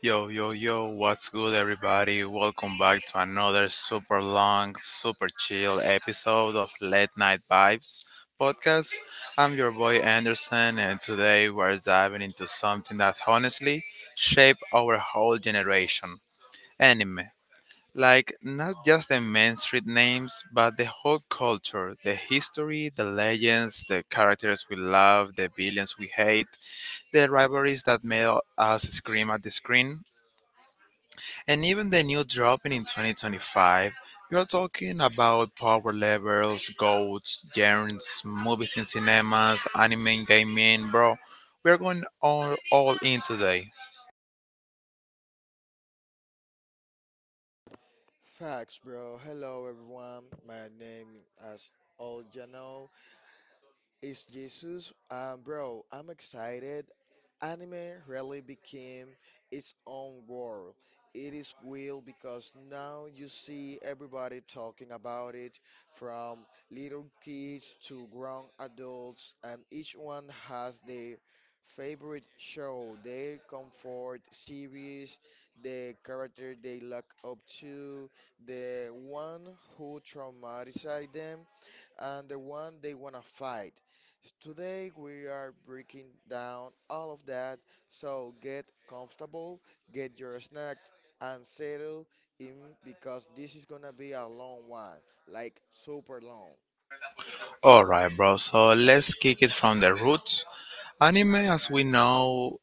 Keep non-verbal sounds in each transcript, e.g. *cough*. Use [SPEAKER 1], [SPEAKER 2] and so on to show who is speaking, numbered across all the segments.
[SPEAKER 1] Yo, yo, yo, what's good, everybody? Welcome back to another super long, super chill episode of Late Night Vibes podcast. I'm your boy Anderson, and today we're diving into something that honestly shaped our whole generation: anime. Like, not just the main street names, but the whole culture, the history, the legends, the characters we love, the villains we hate, the rivalries that made us scream at the screen, and even the new dropping in 2025. You're talking about power levels, goats, genres, movies in cinemas, anime, gaming, bro. We're going all in today.
[SPEAKER 2] Facts, bro. Hello, everyone. My name, as all you know, is Jesus. Bro, I'm excited. Anime really became its own world. It is real because now you see everybody talking about it from little kids to grown adults, and each one has their favorite show, their comfort series, the character they look up to, the one who traumatized them and the one they want to fight. Today we are breaking down all of that, so get comfortable, get your snack, and settle in because this is gonna be a long one, like super long.
[SPEAKER 1] Alright, bro, so let's kick it from the roots. Anime, as we know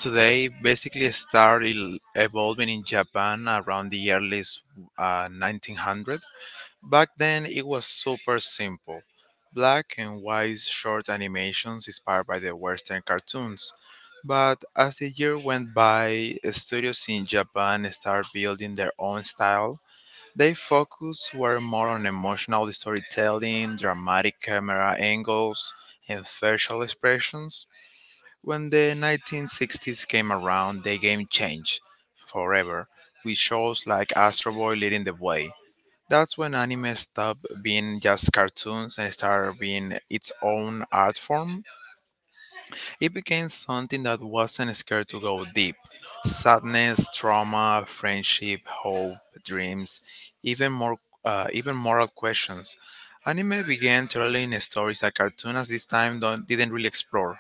[SPEAKER 1] today, basically started evolving in Japan around the early 1900s. Back then, it was super simple. Black and white short animations inspired by the Western cartoons. But as the year went by, studios in Japan started building their own style. Their focus were more on emotional storytelling, dramatic camera angles, and facial expressions. When the 1960s came around, the game changed forever, with shows like Astro Boy leading the way. That's when anime stopped being just cartoons and started being its own art form. It became something that wasn't scared to go deep. Sadness, trauma, friendship, hope, dreams, even more, even moral questions. Anime began telling stories that cartoons at this time don't, didn't really explore.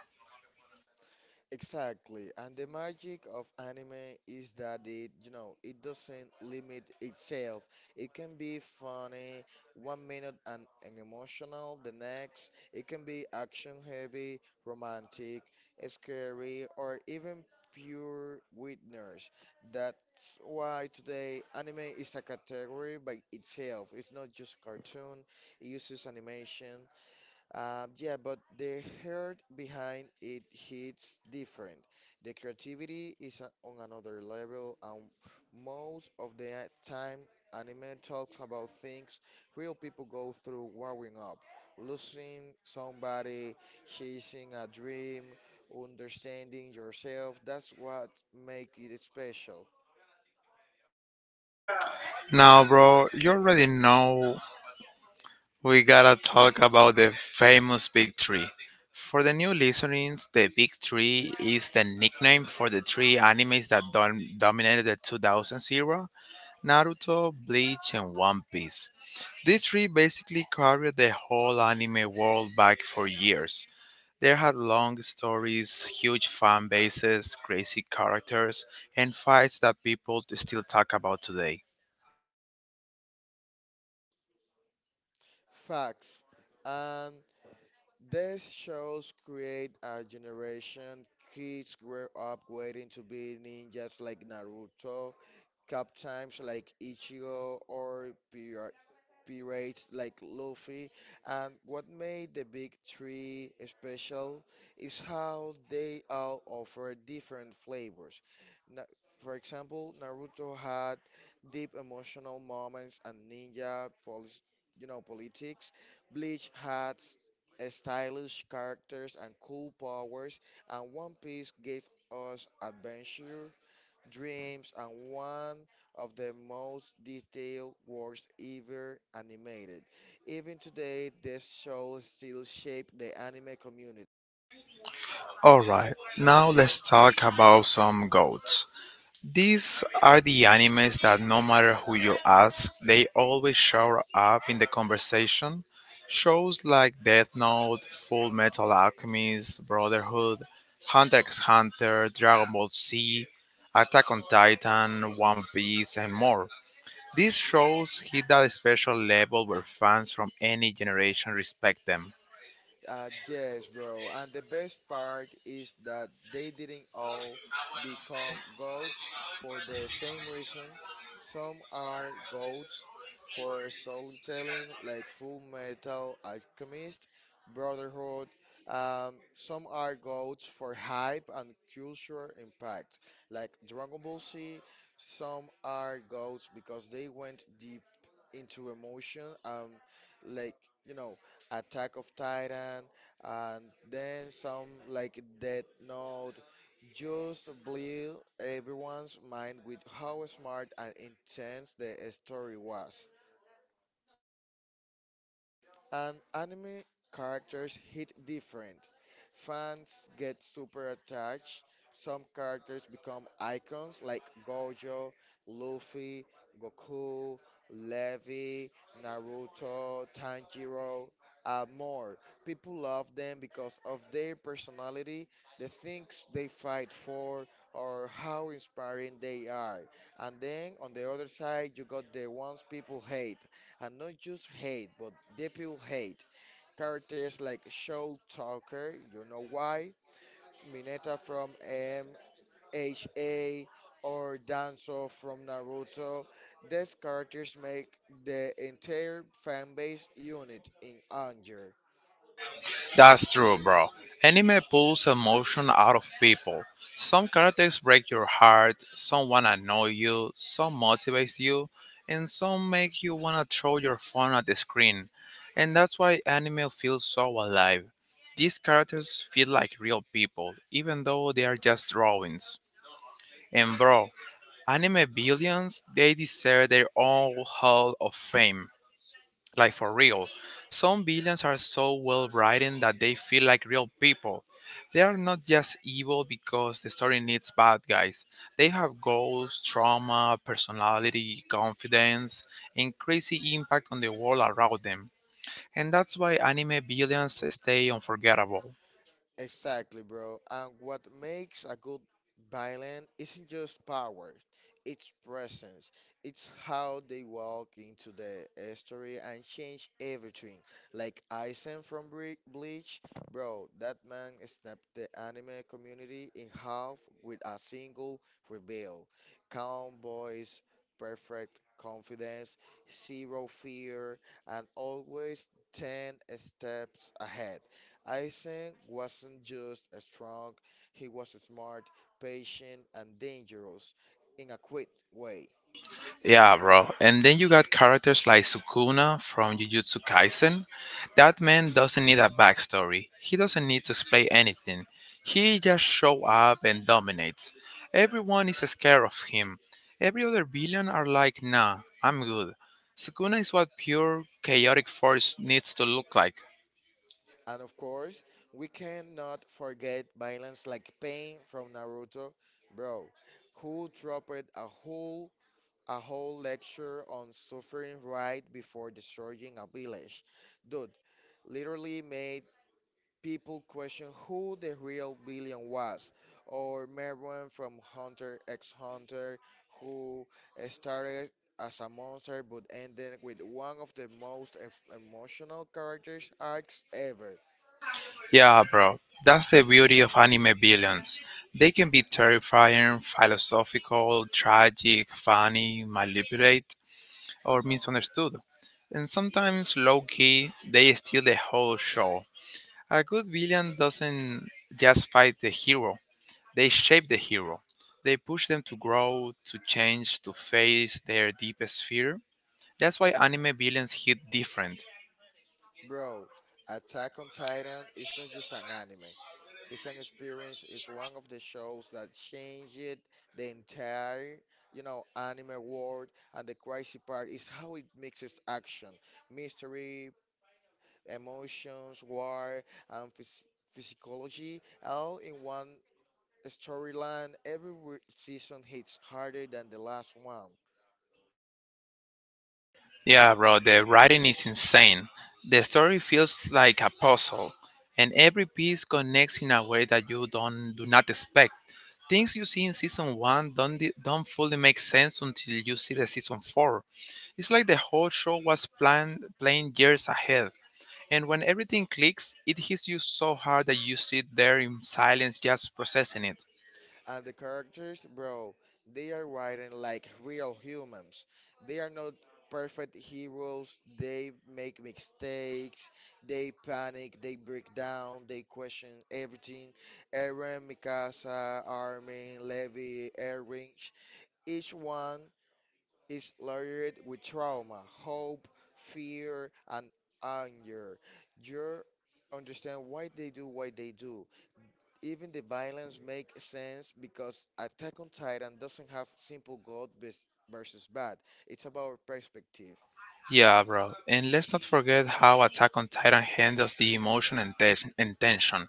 [SPEAKER 2] Exactly, and the magic of anime is that it, you know, it doesn't limit itself. It can be funny one minute and emotional the next. It can be action heavy, romantic, scary, or even pure witness. That's why today anime is a category by itself. It's not just cartoon, it uses animation, yeah, but the heart behind it hits different. The creativity is on another level, and most of the time, anime talks about things real people go through growing up, losing somebody, chasing a dream, understanding yourself. That's what makes it special.
[SPEAKER 1] Now, bro, you already know. We gotta talk about the famous Big Tree. For the new listeners, the Big Tree is the nickname for the three animes that dominated the 2000s era: Naruto, Bleach, and One Piece. These three basically carried the whole anime world back for years. They had long stories, huge fan bases, crazy characters, and fights that people still talk about today.
[SPEAKER 2] Facts. These shows create a generation. Kids grow up waiting to be ninjas like Naruto, captains like Ichigo, or pirates like Luffy. And what made the big three special is how they all offer different flavors. Na- for example, Naruto had deep emotional moments and ninja polish, you know, politics. Bleach had stylish characters and cool powers, and One Piece gave us adventure dreams and one of the most detailed works ever animated. Even today, this show still shapes the anime community.
[SPEAKER 1] Alright, now let's talk about some goats. These are the animes that no matter who you ask, they always show up in the conversation. Shows like Death Note, Full Metal Alchemist, Brotherhood, Hunter x Hunter, Dragon Ball Z, Attack on Titan, One Piece, and more. These shows hit that special level where fans from any generation respect them.
[SPEAKER 2] Yes, bro. And the best part is that they didn't all become goats for the same reason. Some are goats for storytelling, like Full Metal Alchemist, Brotherhood. Some are goats for hype and cultural impact, like Dragon Ball Z. Some are goats because they went deep into emotion, like, you know, attack of titan, and then some like death note just blew everyone's mind with how smart and intense the story was. And anime characters hit different. Fans get super attached. Some characters become icons like Gojo, Luffy, Goku, Levi, Naruto, Tanjiro, and more. People love them because of their personality, the things they fight for, or how inspiring they are. And then on the other side, you got the ones people hate, and not just hate, but they pure hate. Characters like Show Talker, you know why? Mineta from MHA or Danzo from Naruto. These characters make the entire fan base unit in anger.
[SPEAKER 1] That's true, bro. Anime pulls emotion out of people. Some characters break your heart, someone annoy you, some motivates you, and some make you wanna throw your phone at the screen. And that's why anime feels so alive. These characters feel like real people, even though they are just drawings. And bro, anime billions, they deserve their own hall of fame, like, for real. Some villains are so well written that they feel like real people. They are not just evil because the story needs bad guys. They have goals, trauma, personality, confidence, and crazy impact on the world around them. And that's why anime villains stay unforgettable.
[SPEAKER 2] Exactly, bro. And what makes a good violin isn't just power, it's presence. It's how they walk into the story and change everything. Like Aizen from Bleach, bro, that man snapped the anime community in half with a single reveal. Calm voice, perfect confidence, zero fear, and always 10 steps ahead. Isaac wasn't just a strong, he was smart, patient, and dangerous in a quick way.
[SPEAKER 1] Yeah, bro. And then you got characters like Sukuna from Jujutsu Kaisen. That man doesn't need a backstory. He doesn't need to explain anything. He just show up and dominates. Everyone is scared of him. Every other villain are like, nah, I'm good. Sukuna is what pure chaotic force needs to look like.
[SPEAKER 2] And of course, we cannot forget violence like Pain from Naruto, bro, who dropped a whole lecture on suffering right before destroying a village. Dude, literally made people question who the real villain was, or Merwin from Hunter x Hunter, who started as a monster but ended with one of the most emotional characters arcs ever.
[SPEAKER 1] Yeah, bro. That's the beauty of anime villains. They can be terrifying, philosophical, tragic, funny, manipulate, or misunderstood, and sometimes low key they steal the whole show. A good villain doesn't just fight the hero, they shape the hero. They push them to grow, to change, to face their deepest fear. That's why anime villains hit different.
[SPEAKER 2] Bro, Attack on Titan is not just an anime. It's an experience. It's one of the shows that changed the entire, you know, anime world. And the crazy part is how it mixes action, mystery, emotions, war, and physiology all in one storyline. Every season hits harder than the last one.
[SPEAKER 1] Yeah, bro, the writing is insane. The story feels like a puzzle, and every piece connects in a way that you don't do not expect. Things you see in season one don't fully make sense until you see the season four. It's like the whole show was planned years ahead, and when everything clicks, it hits you so hard that you sit there in silence, just processing it.
[SPEAKER 2] And the characters, bro, they are written like real humans. They are not perfect heroes. They make mistakes. They panic. They break down. They question everything. Eren, Mikasa, Armin, Levi, Erwin. Each one is layered with trauma, hope, fear, and anger. You understand why they do what they do. Even the violence makes sense because Attack on Titan doesn't have simple good versus bad. It's about perspective.
[SPEAKER 1] Yeah, bro, and let's not forget how Attack on Titan handles the emotion and tension.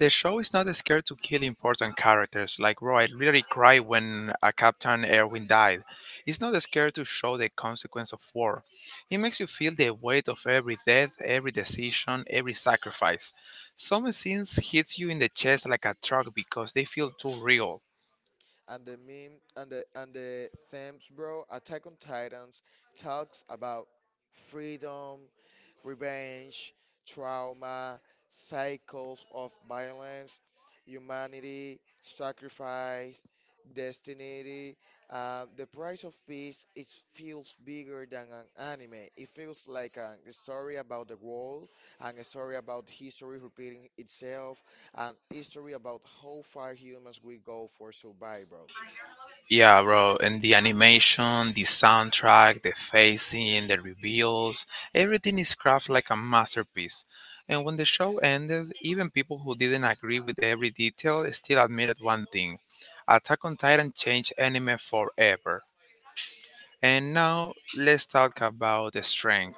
[SPEAKER 1] The show is not scared to kill important characters. Like, bro, I really cried when Captain Erwin died. It's not scared to show the consequence of war. It makes you feel the weight of every death, every decision, every sacrifice. Some scenes hits you in the chest like a truck because they feel too real.
[SPEAKER 2] And the themes, bro. Attack on Titans talks about freedom, revenge, trauma, cycles of violence, humanity, sacrifice, destiny. The price of peace. It feels bigger than an anime. It feels like a story about the world and a story about history repeating itself and history about how far humans will go for survival.
[SPEAKER 1] Yeah, bro. And the animation, the soundtrack, the facing, the reveals, everything is crafted like a masterpiece. And when the show ended, even people who didn't agree with every detail still admitted one thing: Attack on Titan changed anime forever. And now let's talk about the strength.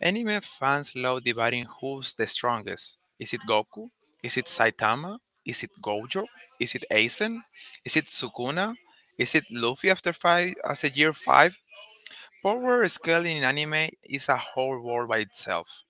[SPEAKER 1] Anime fans love debating who's the strongest. Is it Goku? Is it Saitama? Is it Gojo? Is it Aizen? Is it Sukuna? Is it Luffy after year five? Power scaling in anime is a whole world by itself.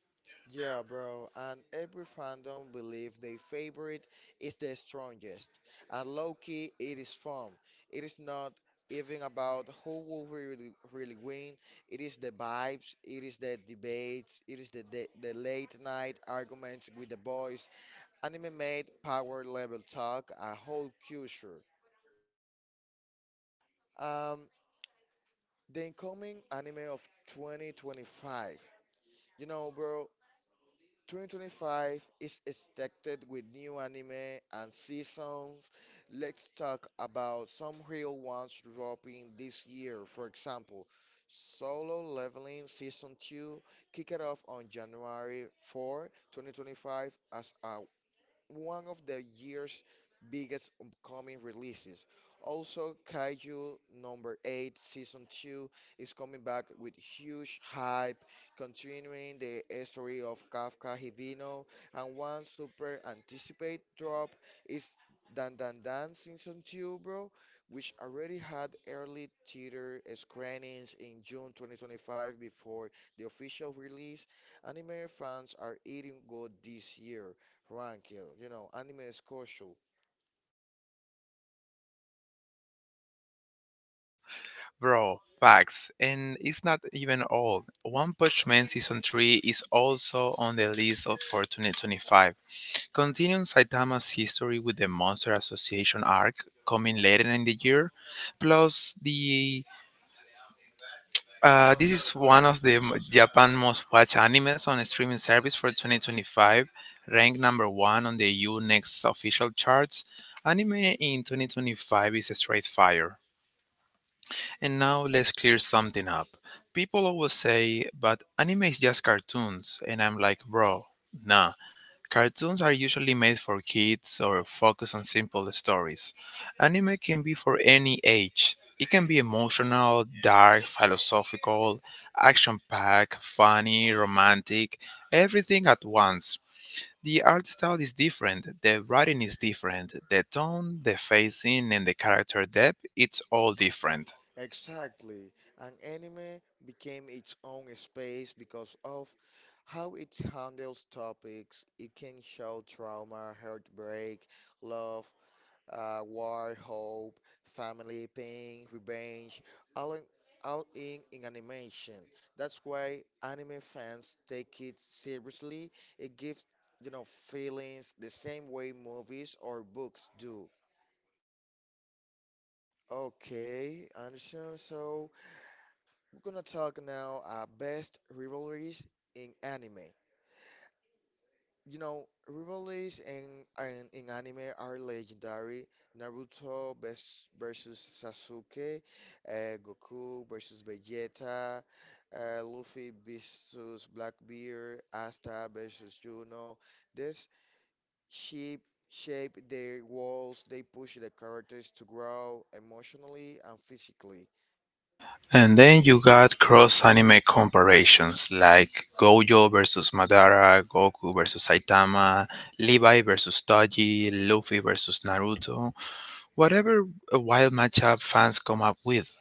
[SPEAKER 2] Yeah, bro, and every fandom believes their favorite is the strongest. And low-key, it is fun. It is not even about who will really, really win. It is the vibes, it is the debates, it is the late night arguments with the boys. Anime made power level talk a whole culture. Um, the incoming anime of 2025. You know, bro, 2025 is expected with new anime and seasons. Let's talk about some real ones dropping this year. For example, Solo Leveling Season 2 kicked it off on January 4, 2025 as a one of the year's biggest upcoming releases. Also, Kaiju number 8 season 2 is coming back with huge hype, continuing the story of Kafka Hibino, and one super anticipated drop is Dan Dan Dan season 2, bro, which already had early theater screenings in June 2025 before the official release. Anime fans are eating good this year, Rankill, you know, anime is crucial.
[SPEAKER 1] Bro, facts. And it's not even all. One Punch Man season three is also on the list of for 2025. Continuing Saitama's history with the Monster Association arc coming later in the year, plus the this is one of Japan most watched animes on a streaming service for 2025, ranked number one on the U Next official charts. Anime in 2025 is a straight fire. And now let's clear something up. People always say, but anime is just cartoons, and I'm like, bro, nah. Cartoons are usually made for kids or focus on simple stories. Anime can be for any age. It can be emotional, dark, philosophical, action packed, funny, romantic, everything at once. The art style is different, the writing is different, the tone, the facing, and the character depth, it's all different.
[SPEAKER 2] Exactly. And anime became its own space because of how it handles topics. It can show trauma, heartbreak, love, war, hope, family, pain, revenge, all in, all in animation. That's why anime fans take it seriously. It gives, you know, feelings the same way movies or books do. Okay, I understand. So we're gonna talk now best rivalries in anime. You know, rivalries in anime are legendary. Naruto best versus Sasuke, Goku versus Vegeta, Luffy versus Blackbeard, Asta versus Juno. This shape shape their walls. They push the characters to grow emotionally and physically.
[SPEAKER 1] And then you got cross anime comparisons like Gojo versus Madara, Goku versus Saitama, Levi versus Toji, Luffy versus Naruto, whatever a wild matchup fans come up with.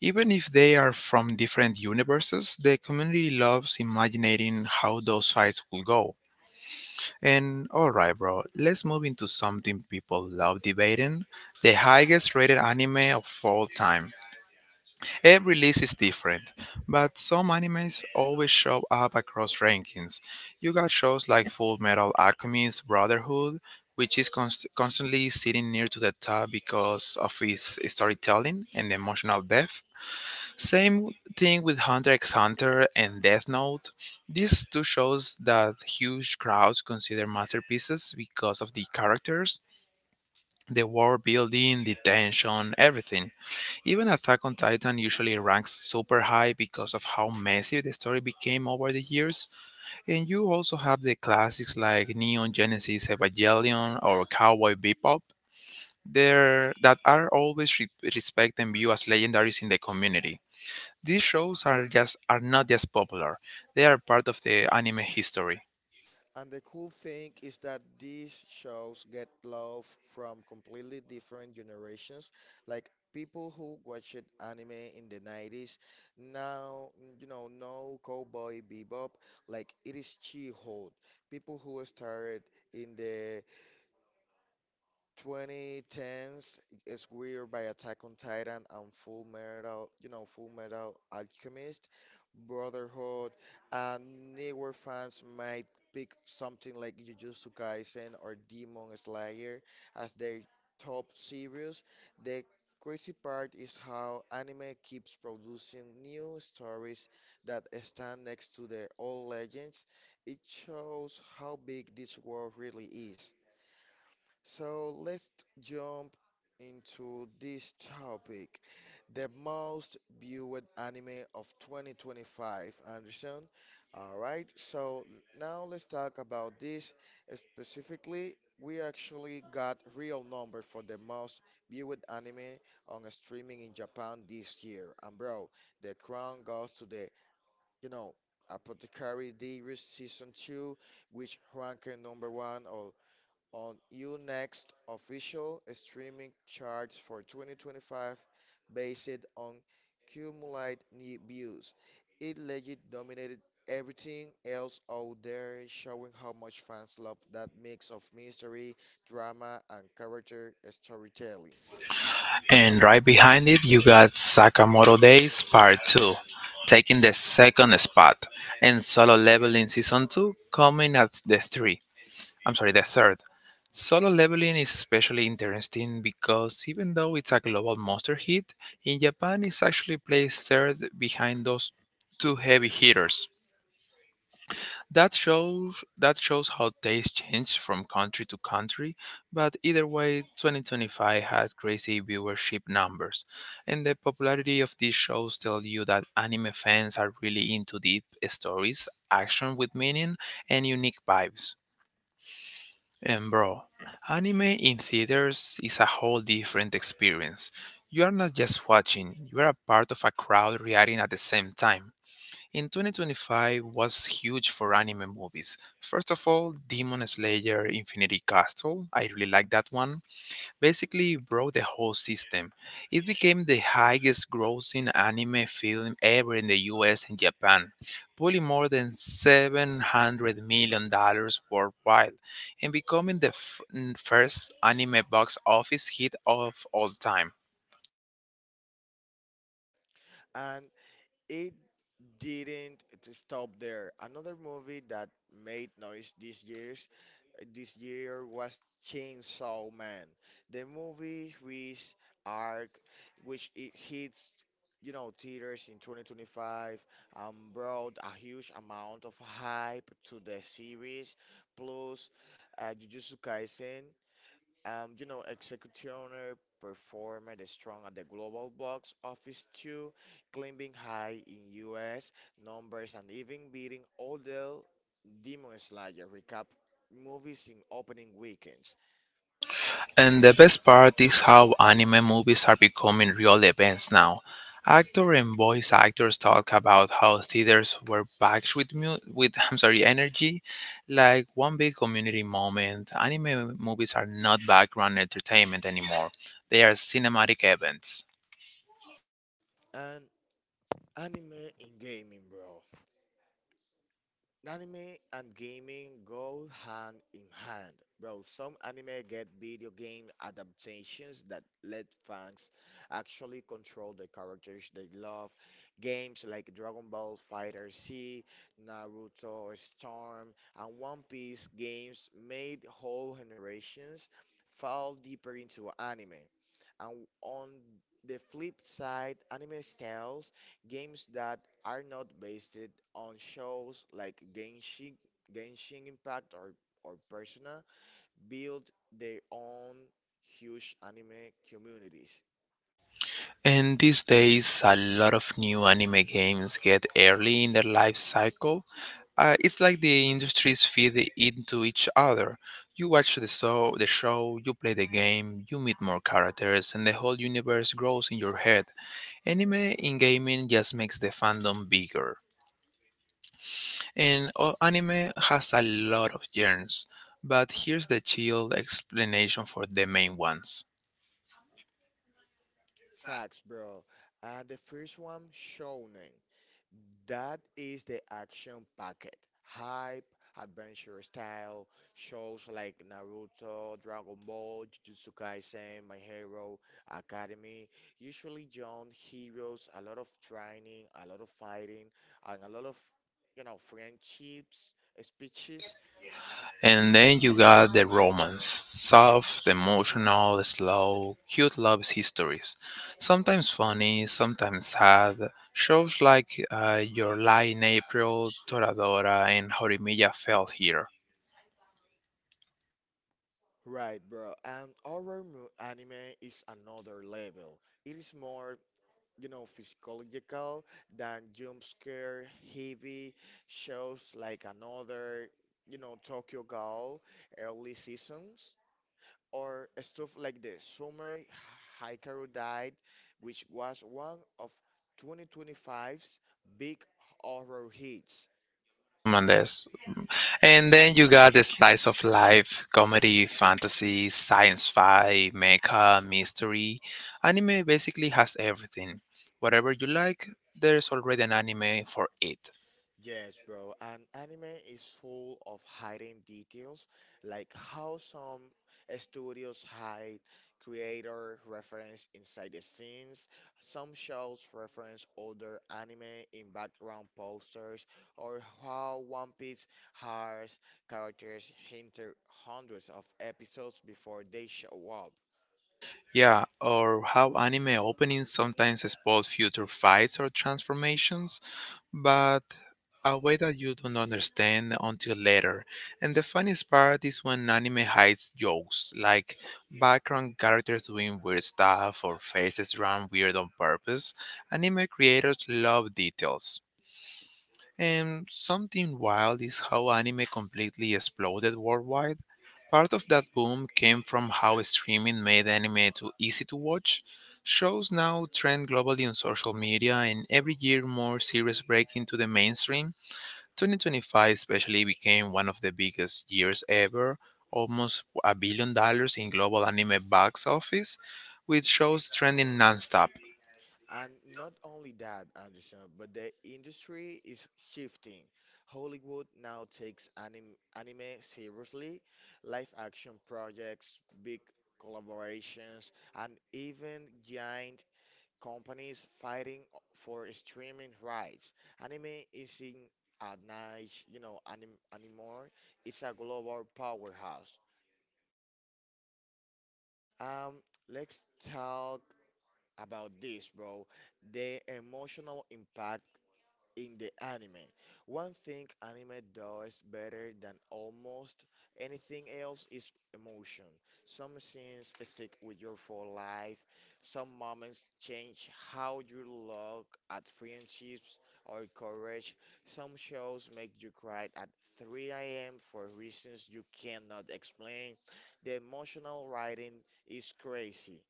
[SPEAKER 1] Even if they are from different universes, the community loves imagining how those fights will go. And alright, bro, let's move into something people love debating: the highest rated anime of all time. Every list is different, but some animes always show up across rankings. You got shows like Full Metal Alchemist Brotherhood, which is constantly sitting near to the top because of its storytelling and emotional depth. Same thing with Hunter x Hunter and Death Note. These two shows that huge crowds consider masterpieces because of the characters, the world building, the tension, everything. Even Attack on Titan usually ranks super high because of how messy the story became over the years, and you also have the classics like Neon Genesis Evangelion or Cowboy Bebop there that are always respected and viewed as legendaries in the community. These shows are not just popular; they are part of the anime history.
[SPEAKER 2] And the cool thing is that these shows get love from completely different generations. Like people who watched anime in the 90s now, you know Cowboy Bebop. Like it is She-Hulk. People who started in the 2010s is weird by Attack on Titan and Full Metal, you know, Full Metal Alchemist, Brotherhood, and newer fans might pick something like Jujutsu Kaisen or Demon Slayer as their top series. The crazy part is how anime keeps producing new stories that stand next to their old legends. It shows how big this world really is. So let's jump into this topic. The most viewed anime of 2025, Anderson. All right, so now let's talk about this specifically. We actually got real number for the most viewed anime on streaming in Japan this year. And bro, the crown goes to the, you know, Apothecary Diaries Season 2, which ranked number one or on Unext official streaming charts for 2025 based on cumulative new views. It legit dominated everything else out there, showing how much fans love that mix of mystery, drama, and character storytelling.
[SPEAKER 1] And right behind it, you got Sakamoto Days Part 2, taking the second spot, and Solo Leveling Season 2 coming at the 3. I'm sorry, the third. Solo Leveling is especially interesting because even though it's a global monster hit, in Japan it's actually placed third behind those two heavy hitters. That shows how taste changed from country to country, but either way, 2025 had crazy viewership numbers, and the popularity of these shows tell you that anime fans are really into deep stories, action with meaning, and unique vibes. And bro, anime in theaters is a whole different experience. You are not just watching, you are a part of a crowd reacting at the same time. In 2025 was huge for anime movies. First of all, Demon Slayer Infinity Castle, I really like that one, basically broke the whole system. It became the highest grossing anime film ever in the US and Japan, pulling more than $700 million dollars worldwide and becoming the first anime box office hit of all time.
[SPEAKER 2] And it didn't stop there. Another movie that made noise this year was Chainsaw Man. The movie with arc which it hits, you know, theaters in 2025, brought a huge amount of hype to the series, plus Jujutsu Kaisen, you know, Executioner performed strong at the global box office too, climbing high in US numbers and even beating all the Demon Slayer recap movies in opening weekends.
[SPEAKER 1] And the best part is how anime movies are becoming real events now. Actor and voice actors talk about how theaters were packed with *laughs* I'm sorry energy, like one big community moment. Anime movies are not background entertainment anymore; they are cinematic events.
[SPEAKER 2] And anime in gaming, bro. Anime and gaming go hand in hand, bro. Some anime get video game adaptations that let fans actually control the characters they love. Games like Dragon Ball Fighter Z, Naruto, Storm, and One Piece games made whole generations fall deeper into anime. And on the flip side, anime styles games that are not based on shows like Genshin, Genshin Impact, or Persona build their own huge anime communities.
[SPEAKER 1] And these days, a lot of new anime games get early in their life cycle. It's like the industries feed into each other. You watch the show, you play the game, you meet more characters, and the whole universe grows in your head. Anime in gaming just makes the fandom bigger. And anime has a lot of genres, but here's the chill explanation for the main ones.
[SPEAKER 2] Facts, bro. The first one, shonen. That is the action packet. Hype, adventure style, shows like Naruto, Dragon Ball, Jujutsu Kaisen, My Hero Academy. Usually young heroes, a lot of training, a lot of fighting, and a lot of, you know, friendships, speeches.
[SPEAKER 1] And then you got the romance. Soft, emotional, slow, cute love histories. Sometimes funny, sometimes sad. Shows like Your Lie in April, Toradora, and Horimiya Fell Here.
[SPEAKER 2] Right, bro. And horror anime is another level. It is more, you know, psychological than jump scare heavy shows like another, you know, Tokyo Ghoul early seasons, or stuff like the Summer Hikaru Died, which was one of 2025's big horror hits.
[SPEAKER 1] Mendes. And then you got the slice of life, comedy, fantasy, science fi, mecha, mystery. Anime basically has everything. Whatever you like, there's already an anime for it.
[SPEAKER 2] Yes, bro. And anime is full of hiding details, like how some studios hide creator reference inside the scenes. Some shows reference older anime in background posters, or how One Piece has characters hinted hundreds of episodes before they show up.
[SPEAKER 1] Yeah, or how anime openings sometimes spoil future fights or transformations, but a way that you don't understand until later. And the funniest part is when anime hides jokes, like background characters doing weird stuff or faces drawn weird on purpose. Anime creators love details. And something wild is how anime completely exploded worldwide. Part of that boom came from how streaming made anime too easy to watch. Shows now trend globally on social media, and every year more series break into the mainstream. 2025 especially became one of the biggest years ever, almost $1 billion in global anime box office, with shows trending nonstop.
[SPEAKER 2] And not only that, Anderson, but the industry is shifting. Hollywood now takes anime seriously, live action projects, big collaborations, and even giant companies fighting for streaming rights. Anime isn't a niche, you know, anim anymore. It's a global powerhouse. Um, let's talk about this, bro. The emotional impact in the anime. One thing anime does better than almost anything else is emotion. Some scenes stick with you for life, some moments change how you look at friendships or courage. Some shows make you cry at 3 a.m. for reasons you cannot explain. The emotional writing is crazy.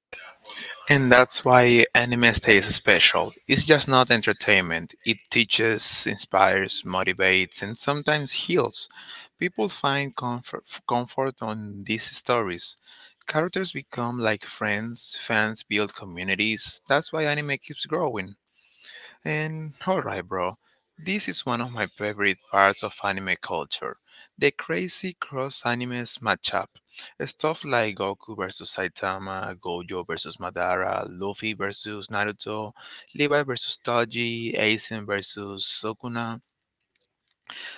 [SPEAKER 1] And that's why anime stays special. It's just not entertainment. It teaches, inspires, motivates, and sometimes heals. People find comfort on these stories. Characters become like friends, fans build communities. That's why anime keeps growing. And alright, bro, this is one of my favorite parts of anime culture, the crazy cross animes matchup. Stuff like Goku versus Saitama, Gojo versus Madara, Luffy versus Naruto, Levi versus Toji, Aizen versus Sukuna.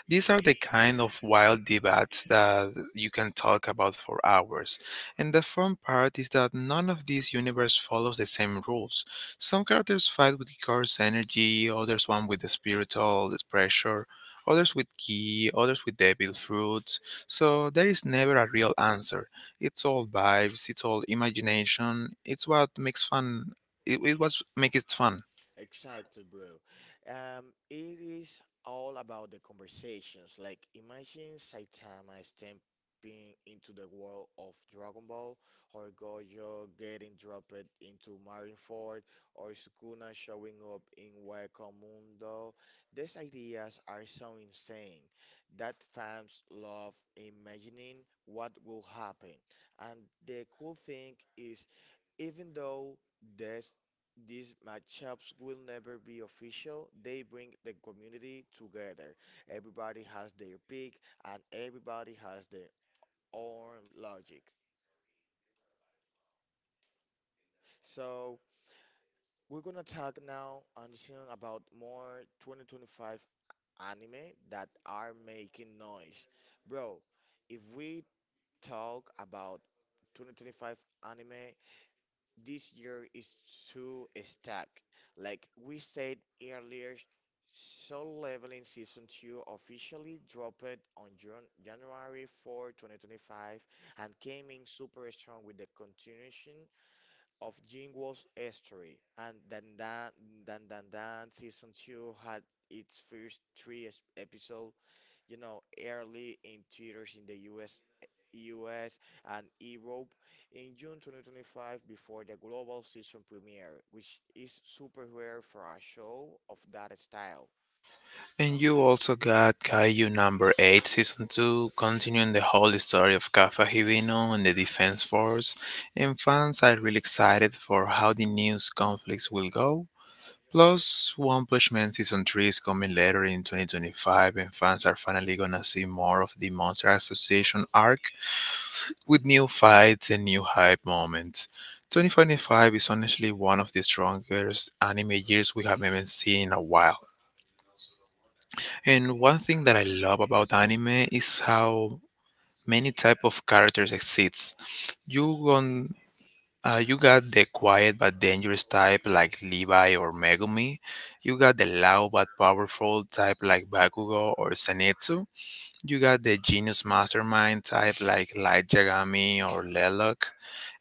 [SPEAKER 1] These are the kind of wild debates that you can talk about for hours. And the fun part is that none of these universe follows the same rules. Some characters fight with Icarus energy, others one with the spiritual pressure, others with ki, others with devil fruits. So there is never a real answer. It's all vibes, it's all imagination, it's what makes fun it, was make it fun.
[SPEAKER 2] Exactly, bro. It is all about the conversations. Like, imagine Saitama stepping into the world of Dragon Ball, or Gojo getting dropped into Marineford, or Sukuna showing up in Wacom Mundo. These ideas are so insane that fans love imagining what will happen. And the cool thing is, even though these these matchups will never be official, they bring the community together. Everybody has their pick and everybody has their own logic. So we're gonna talk now, Anderson, about more 2025 anime that are making noise. Bro, if we talk about 2025 anime, this year is too stacked. Like we said earlier, Soul Leveling Season 2 officially dropped on June, January 4, 2025, and came in super strong with the continuation of Jingwo's story. And Dan Dan Dan Season 2 had its first three episode, you know, early in theaters in the US, and Europe in June 2025 before the global season premiere, which is super rare for a show of that style.
[SPEAKER 1] And you also got Kaiju number 8, season 2, continuing the whole story of Kappa Hibino and the Defense Force, and fans are really excited for how the news conflicts will go. Plus, One Punch Man season 3 is coming later in 2025, and fans are finally gonna see more of the Monster Association arc with new fights and new hype moments. 2025 is honestly one of the strongest anime years we have even seen in a while. And one thing that I love about anime is how many type of characters exists. You gon you got the quiet but dangerous type like Levi or Megumi. You got the loud but powerful type like Bakugo or Zenitsu. You got the genius mastermind type like Light Yagami or Lilac.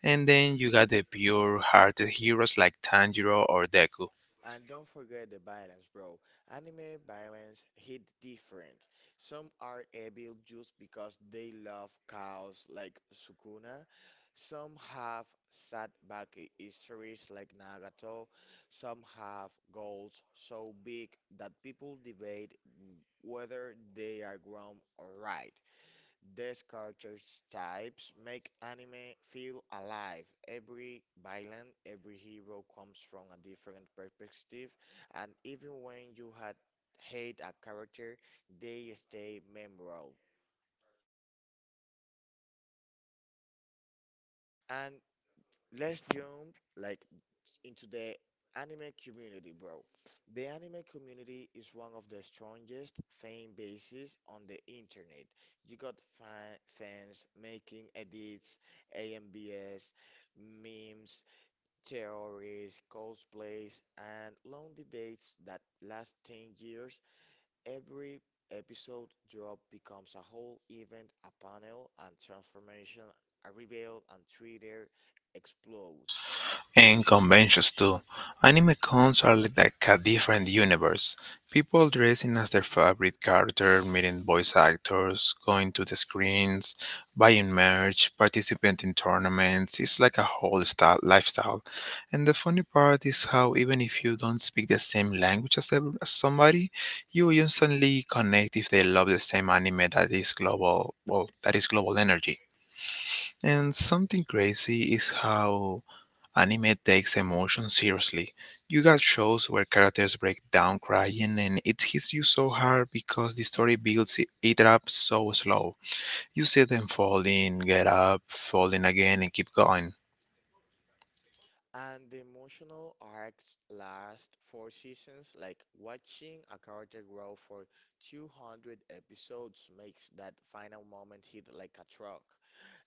[SPEAKER 1] And then you got the pure hearted heroes like Tanjiro or Deku.
[SPEAKER 2] And don't forget the violence, bro. Anime violence hit different. Some are evil just because they love cows like Sukuna. Some have sad back histories like Nagato. Some have goals so big that people debate whether they are wrong or right. These character types make anime feel alive. Every villain, every hero comes from a different perspective, and even when you had hate a character, they stay memorable. And let's jump like into the anime community, bro. The anime community is one of the strongest fan bases on the internet. You got fans making edits, AMBS, memes, theories, cosplays, and long debates that last 10 years. Every episode drop becomes a whole event, a panel, and transformation, a reveal, and Twitter explodes.
[SPEAKER 1] In conventions too, anime cons are like a different universe. People dressing as their favorite character, meeting voice actors, going to the screens, buying merch, participating in tournaments. It's like a whole style, lifestyle. And the funny part is how even if you don't speak the same language as, as somebody, you instantly connect if they love the same anime that is global. Well, that is global energy. And something crazy is how anime takes emotion seriously. You got shows where characters break down crying, and it hits you so hard because the story builds it up so slow. You see them falling, get up, falling again, and keep going.
[SPEAKER 2] And the emotional arcs last four seasons, like watching a character grow for 200 episodes makes that final moment hit like a truck.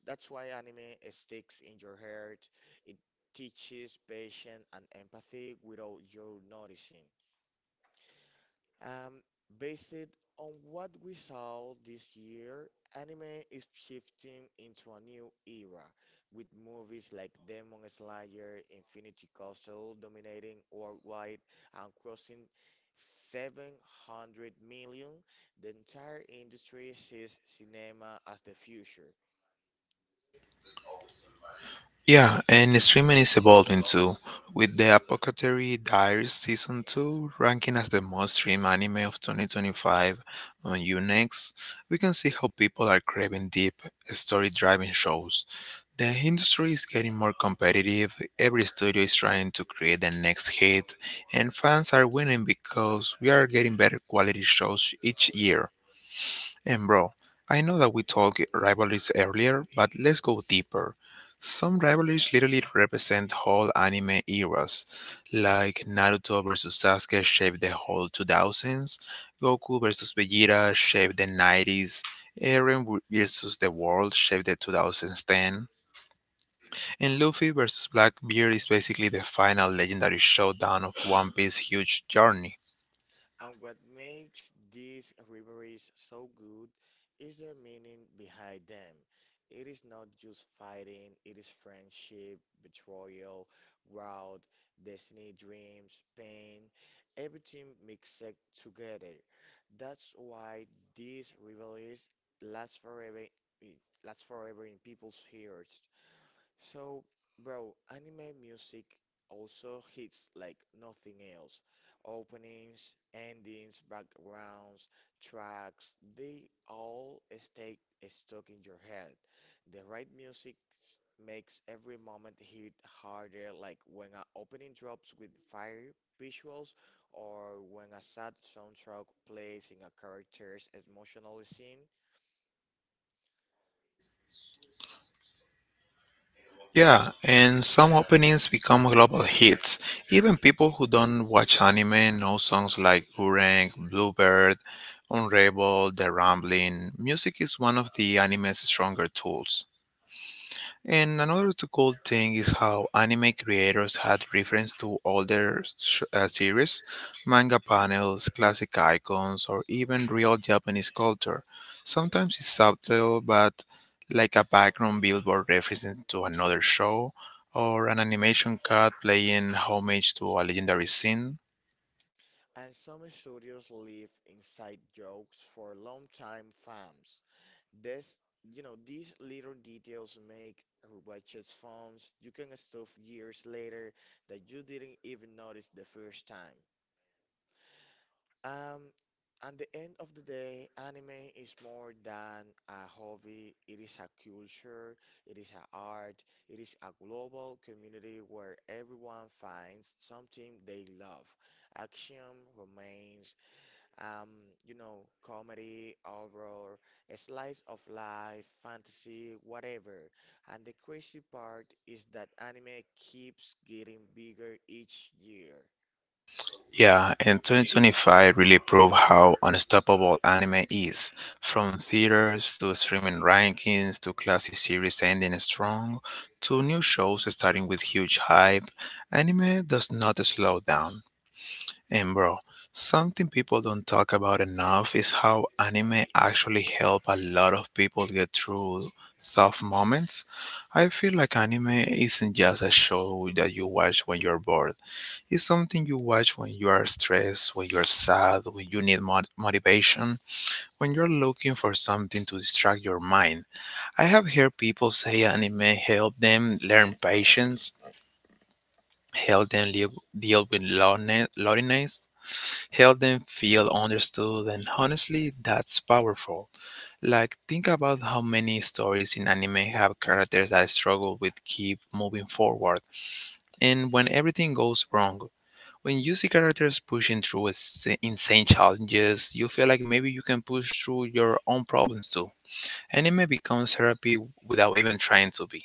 [SPEAKER 2] That's why anime sticks in your heart. It teaches patience and empathy without you noticing. Um, Based on what we saw this year, anime is shifting into a new era, with movies like Demon Slayer, Infinity Castle dominating worldwide and crossing 700 million. The entire industry sees cinema as the future.
[SPEAKER 1] Yeah, and streaming is evolving too, with the Apothecary Diaries Season 2 ranking as the most streamed anime of 2025 on Unext. We can see how people are craving deep, story driving shows. The industry is getting more competitive, every studio is trying to create the next hit, and fans are winning because we are getting better quality shows each year. And bro, I know that we talked rivalries earlier, but let's go deeper. Some rivalries literally represent whole anime eras, like Naruto versus Sasuke shaped the whole 2000s, Goku versus Vegeta shaped the 90s, Eren versus the world shaped the 2010, and Luffy versus Blackbeard is basically the final legendary showdown of One Piece's huge journey.
[SPEAKER 2] And what makes these rivalries so good is their meaning behind them. It is not just fighting, it is friendship, betrayal, growth, destiny, dreams, pain, everything mixed together. That's why these rivalries last forever, last forever in people's hearts. So, bro, anime music also hits like nothing else. Openings, endings, backgrounds, tracks, they all stay stuck in your head. The right music makes every moment hit harder, like when an opening drops with fire visuals or when a sad soundtrack plays in a character's emotional scene.
[SPEAKER 1] Yeah, and some openings become global hits. Even people who don't watch anime know songs like Urang, Bluebird, Unravel, The Rambling. Music is one of the anime's stronger tools. And cool thing is how anime creators had reference to older series, manga panels, classic icons, or even real Japanese culture. Sometimes it's subtle, but like a background billboard referencing to another show, or an animation cut playing homage to a legendary scene.
[SPEAKER 2] And some studios leave inside jokes for longtime fans. This, you know, these little details make watches forms you can stuff years later that you didn't even notice the first time. Um, at the end of the day, anime is more than a hobby. It is a culture, it is an art, it is a global community where everyone finds something they love. Action, romance, um, comedy, horror, a slice of life, fantasy, whatever. And the crazy part is that anime keeps getting bigger each year.
[SPEAKER 1] Yeah, and 2025 really proved how unstoppable anime is. From theaters to streaming rankings to classic series ending strong to new shows starting with huge hype, anime does not slow down. And bro, something people don't talk about enough is how anime actually help a lot of people get through tough moments. I feel like anime isn't just a show that you watch when you're bored. It's something you watch when you are stressed, when you're sad, when you need motivation, when you're looking for something to distract your mind. I have heard people say anime help them learn patience, help them live, deal with loneliness, help them feel understood, and honestly that's powerful. Like think about how many stories in anime have characters that struggle with keep moving forward, and when everything goes wrong, when you see characters pushing through insane challenges, you feel like maybe you can push through your own problems too. Anime becomes therapy without even trying to be.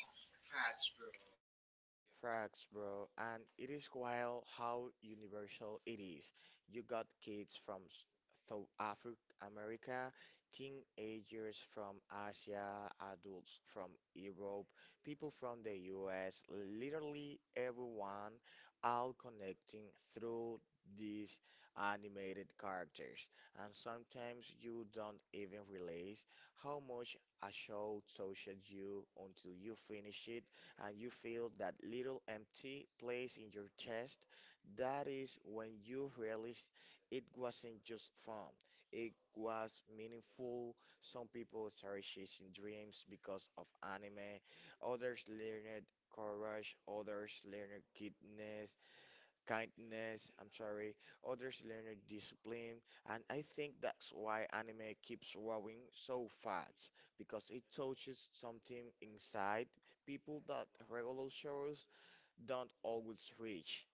[SPEAKER 2] Facts, bro. And it is wild how universal it is. You got kids from South Africa, America, teenagers from Asia, adults from Europe, people from the US, literally everyone, all connecting through these animated characters. And sometimes you don't even realize how much a show touches you until you finish it and you feel that little empty place in your chest, that is when you realize it wasn't just fun. It was meaningful. Some people started chasing dreams because of anime, others learned courage, others learned kindness, kindness, I'm sorry, others learn discipline, and I think that's why anime keeps growing so fast because it touches something inside people that regular shows don't always reach.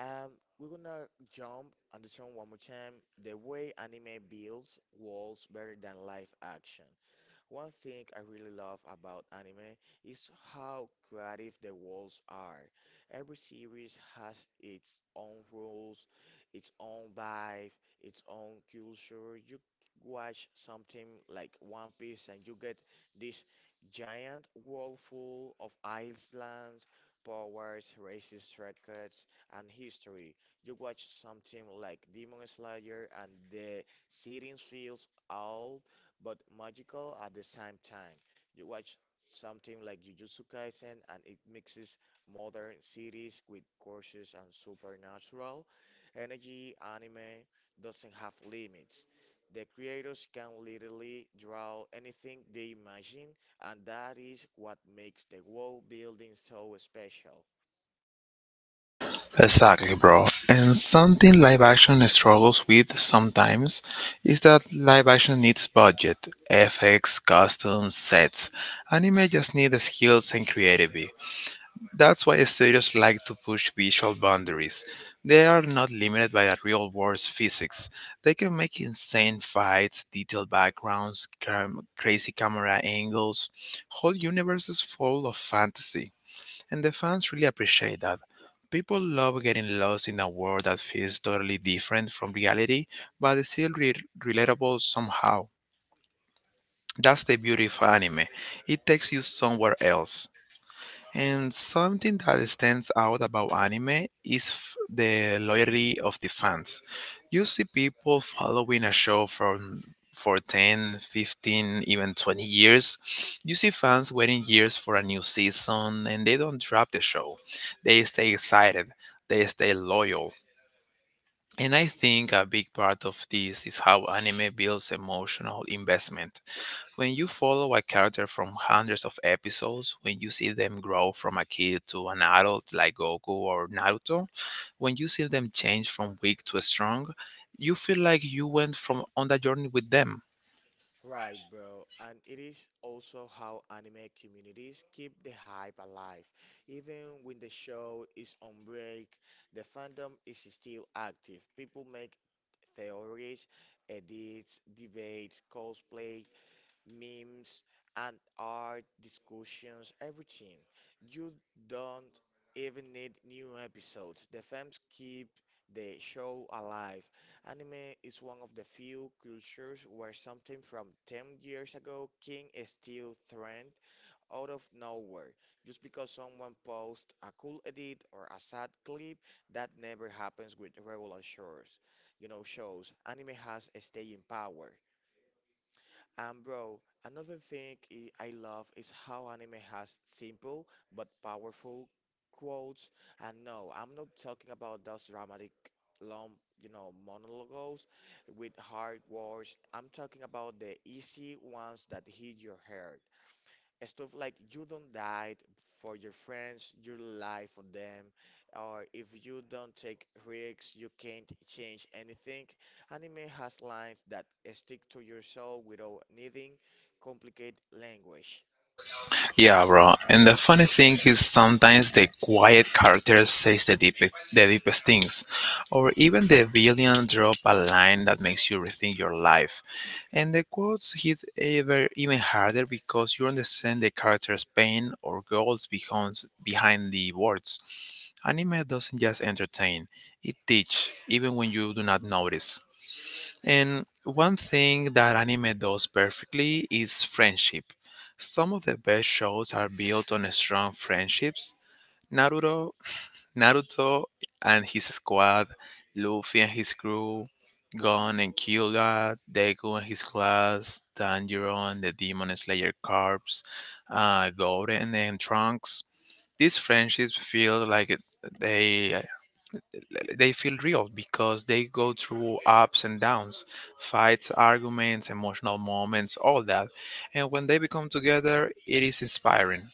[SPEAKER 2] Um, we're gonna jump and this one more time. The way anime builds walls better than live action. One thing I really love about anime is how creative the worlds are. Every series has its own rules, its own vibe, its own culture. You watch something like One Piece and you get this giant world full of islands, powers, races, records, and history. You watch something like Demon Slayer and the setting feels all but magical at the same time. You watch something like Jujutsu Kaisen and it mixes modern series with courses and supernatural energy. Anime doesn't have limits. The creators can literally draw anything they imagine, and that is what makes the world building so special.
[SPEAKER 1] Exactly, bro. And something live action struggles with sometimes is that live action needs budget, FX, costumes, sets. Anime just needs skills and creativity. That's why studios like to push visual boundaries. They are not limited by a real world's physics. They can make insane fights, detailed backgrounds, crazy camera angles, whole universes full of fantasy. And the fans really appreciate that. People love getting lost in a world that feels totally different from reality, but is still relatable somehow. That's the beauty of anime. It takes you somewhere else. And something that stands out about anime is the loyalty of the fans. You see people following a show from for 10, 15, even 20 years. You see fans waiting years for a new season and they don't drop the show. They stay excited, they stay loyal. And I think a big part of this is how anime builds emotional investment. When you follow a character from hundreds of episodes, when you see them grow from a kid to an adult like Goku or Naruto, when you see them change from weak to strong, you feel like you went from on that journey with them.
[SPEAKER 2] Right, bro. And it is also how anime communities keep the hype alive. Even when the show is on break, the fandom is still active. People make theories, edits, debates, cosplay, memes and art discussions, everything. You don't even need new episodes. The fans keep the show alive. Anime is one of the few cultures where something from 10 years ago can still trend out of nowhere just because someone posts a cool edit or a sad clip that never happens with regular shows. You know, shows. Anime has a staying power. And bro, another thing I love is how anime has simple but powerful quotes. And no, I'm not talking about those dramatic, long, you know, monologues with hard words. I'm talking about the easy ones that hit your heart stuff like you don't die for your friends, you lie for them, or if you don't take risks, you can't change anything. Anime has lines that stick to your soul without needing complicated language.
[SPEAKER 1] Yeah, bro. And the funny thing is, sometimes the quiet character says the deepest things, or even the villain drop a line that makes you rethink your life. And the quotes hit ever even harder because you understand the character's pain or goals behind the words. Anime doesn't just entertain; it teach, even when you do not notice. And one thing that anime does perfectly is friendship. Some of the best shows are built on strong friendships. Naruto, Naruto and his squad, Luffy and his crew, Gon and Kyuubi, Deku and his class, Tanjiro and the Demon Slayer Corps, Goten and Trunks. These friendships feel like they they feel real because they go through ups and downs, fights, arguments, emotional moments, all that. And when they become together, it is inspiring.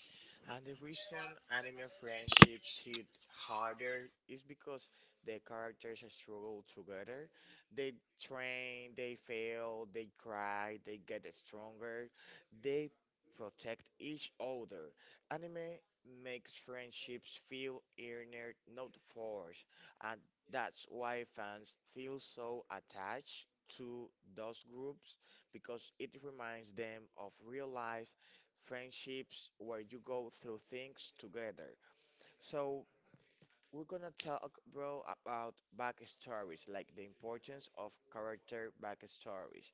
[SPEAKER 2] And the reason anime friendships hit harder is because the characters struggle together. They train, they fail, they cry, they get stronger, they protect each other. Anime makes friendships feel earned, not forced, and that's why fans feel so attached to those groups because it reminds them of real life friendships where you go through things together. So, we're gonna talk, bro, about backstories, like the importance of character backstories.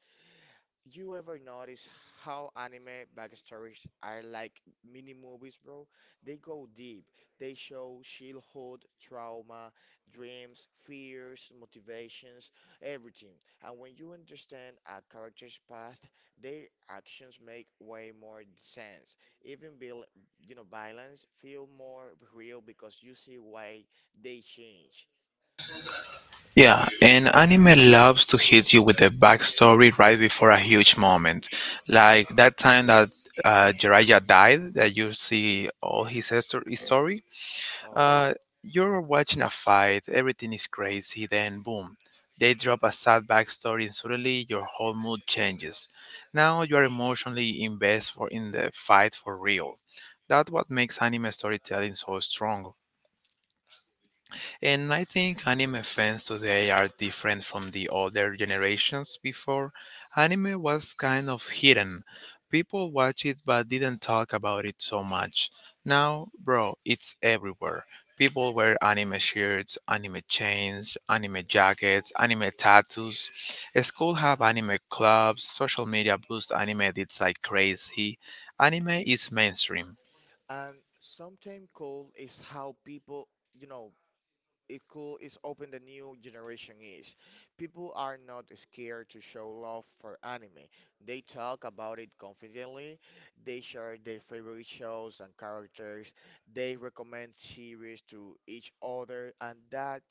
[SPEAKER 2] You ever notice how anime backstories are like mini movies, bro? They go deep. They show childhood trauma, dreams, fears, motivations, everything. And when you understand a character's past, their actions make way more sense. Even build, you know, violence feel more real because you see why they change.
[SPEAKER 1] Yeah, and anime loves to hit you with a backstory right before a huge moment. Like that time that Jiraiya died, that you see all his story.
[SPEAKER 2] Oh.
[SPEAKER 1] Uh, you're watching a fight, everything is crazy, then boom, they drop a sad backstory, and suddenly your whole mood changes. Now you are emotionally invested for in the fight for real. That's what makes anime storytelling so strong. And I think anime fans today are different from the older generations before. Anime was kind of hidden. People watched it but didn't talk about it so much. Now, bro, it's everywhere. People wear anime shirts, anime chains, anime jackets, anime tattoos. School have anime clubs, social media boosts anime, it's like crazy. Anime is mainstream.
[SPEAKER 2] And sometimes cool is how people, you know, it cool is open the new generation is. People are not scared to show love for anime. They talk about it confidently. They share their favorite shows and characters. They recommend series to each other, and that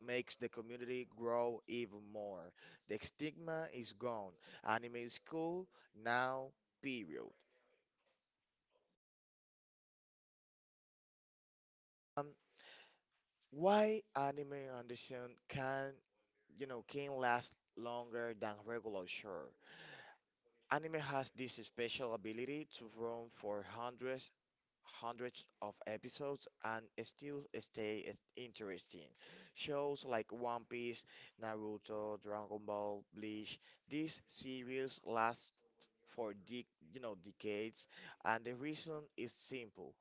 [SPEAKER 2] makes the community grow even more. The stigma is gone. Anime is cool now, period. Um, why anime Anderson can you know can last longer than regular show. Anime has this special ability to run for hundreds of episodes and still stay interesting. Shows like One Piece, Naruto, Dragon Ball, Bleach, these series last for dec you know, decades, and the reason is simple.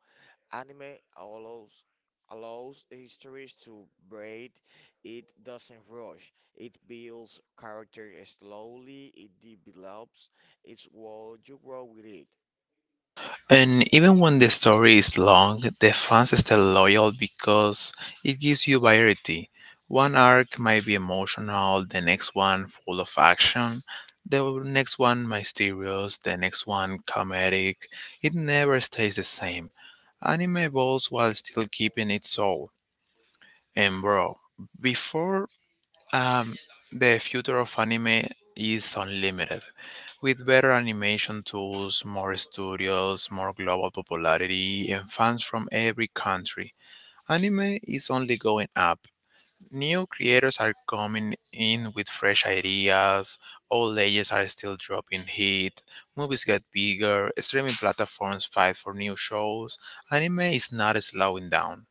[SPEAKER 2] Anime allows histories to breathe. It doesn't rush. It builds character slowly. It develops its world. You grow with it.
[SPEAKER 1] And even when the story is long, the fans are still loyal because it gives you variety. One arc might be emotional, the next one full of action, the next one mysterious, the next one comedic. It never stays the same. Anime evolves while still keeping its soul. And bro, before um, the future of anime is unlimited. With better animation tools, more studios, more global popularity, and fans from every country, anime is only going up. New creators are coming in with fresh ideas, old ages are still dropping hit, movies get bigger, streaming platforms fight for new shows. Anime is not slowing down.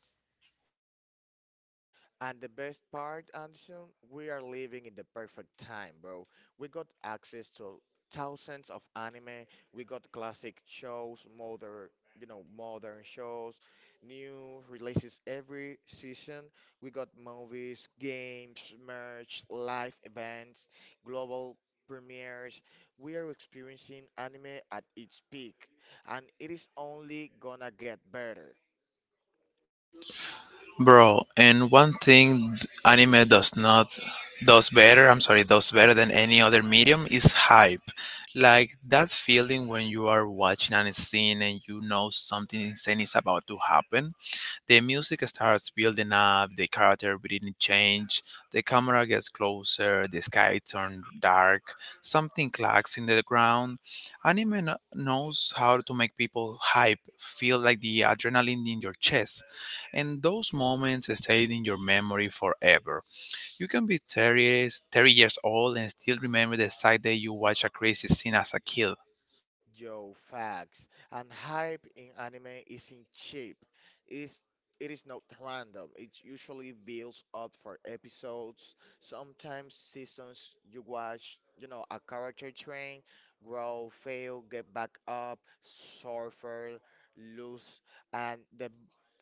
[SPEAKER 2] And the best part, Anderson, we are living in the perfect time, bro. We got access to thousands of anime. We got classic shows, modern, you know, modern shows, new releases every season. We got movies, games, merch, live events, global premieres. We are experiencing anime at its peak, and it is only gonna get better.
[SPEAKER 1] Bro, and one thing th- anime does not does better, I'm sorry, does better than any other medium is hype. Like that feeling when you are watching an scene and you know something insane is about to happen. The music starts building up, the character breathing change, the camera gets closer, the sky turns dark, something clacks in the ground. Knows how to make people hype, feel like the adrenaline in your chest, and those moments stay in your memory forever. You can be 30 years, 30 years old and still remember the exact day you watched a crazy scene as a kid.
[SPEAKER 2] Yo, facts. And hype in anime isn't cheap. It's it is not random. It usually builds up for episodes, sometimes seasons you watch, you know, a character train, grow, fail, get back up, suffer, lose, and the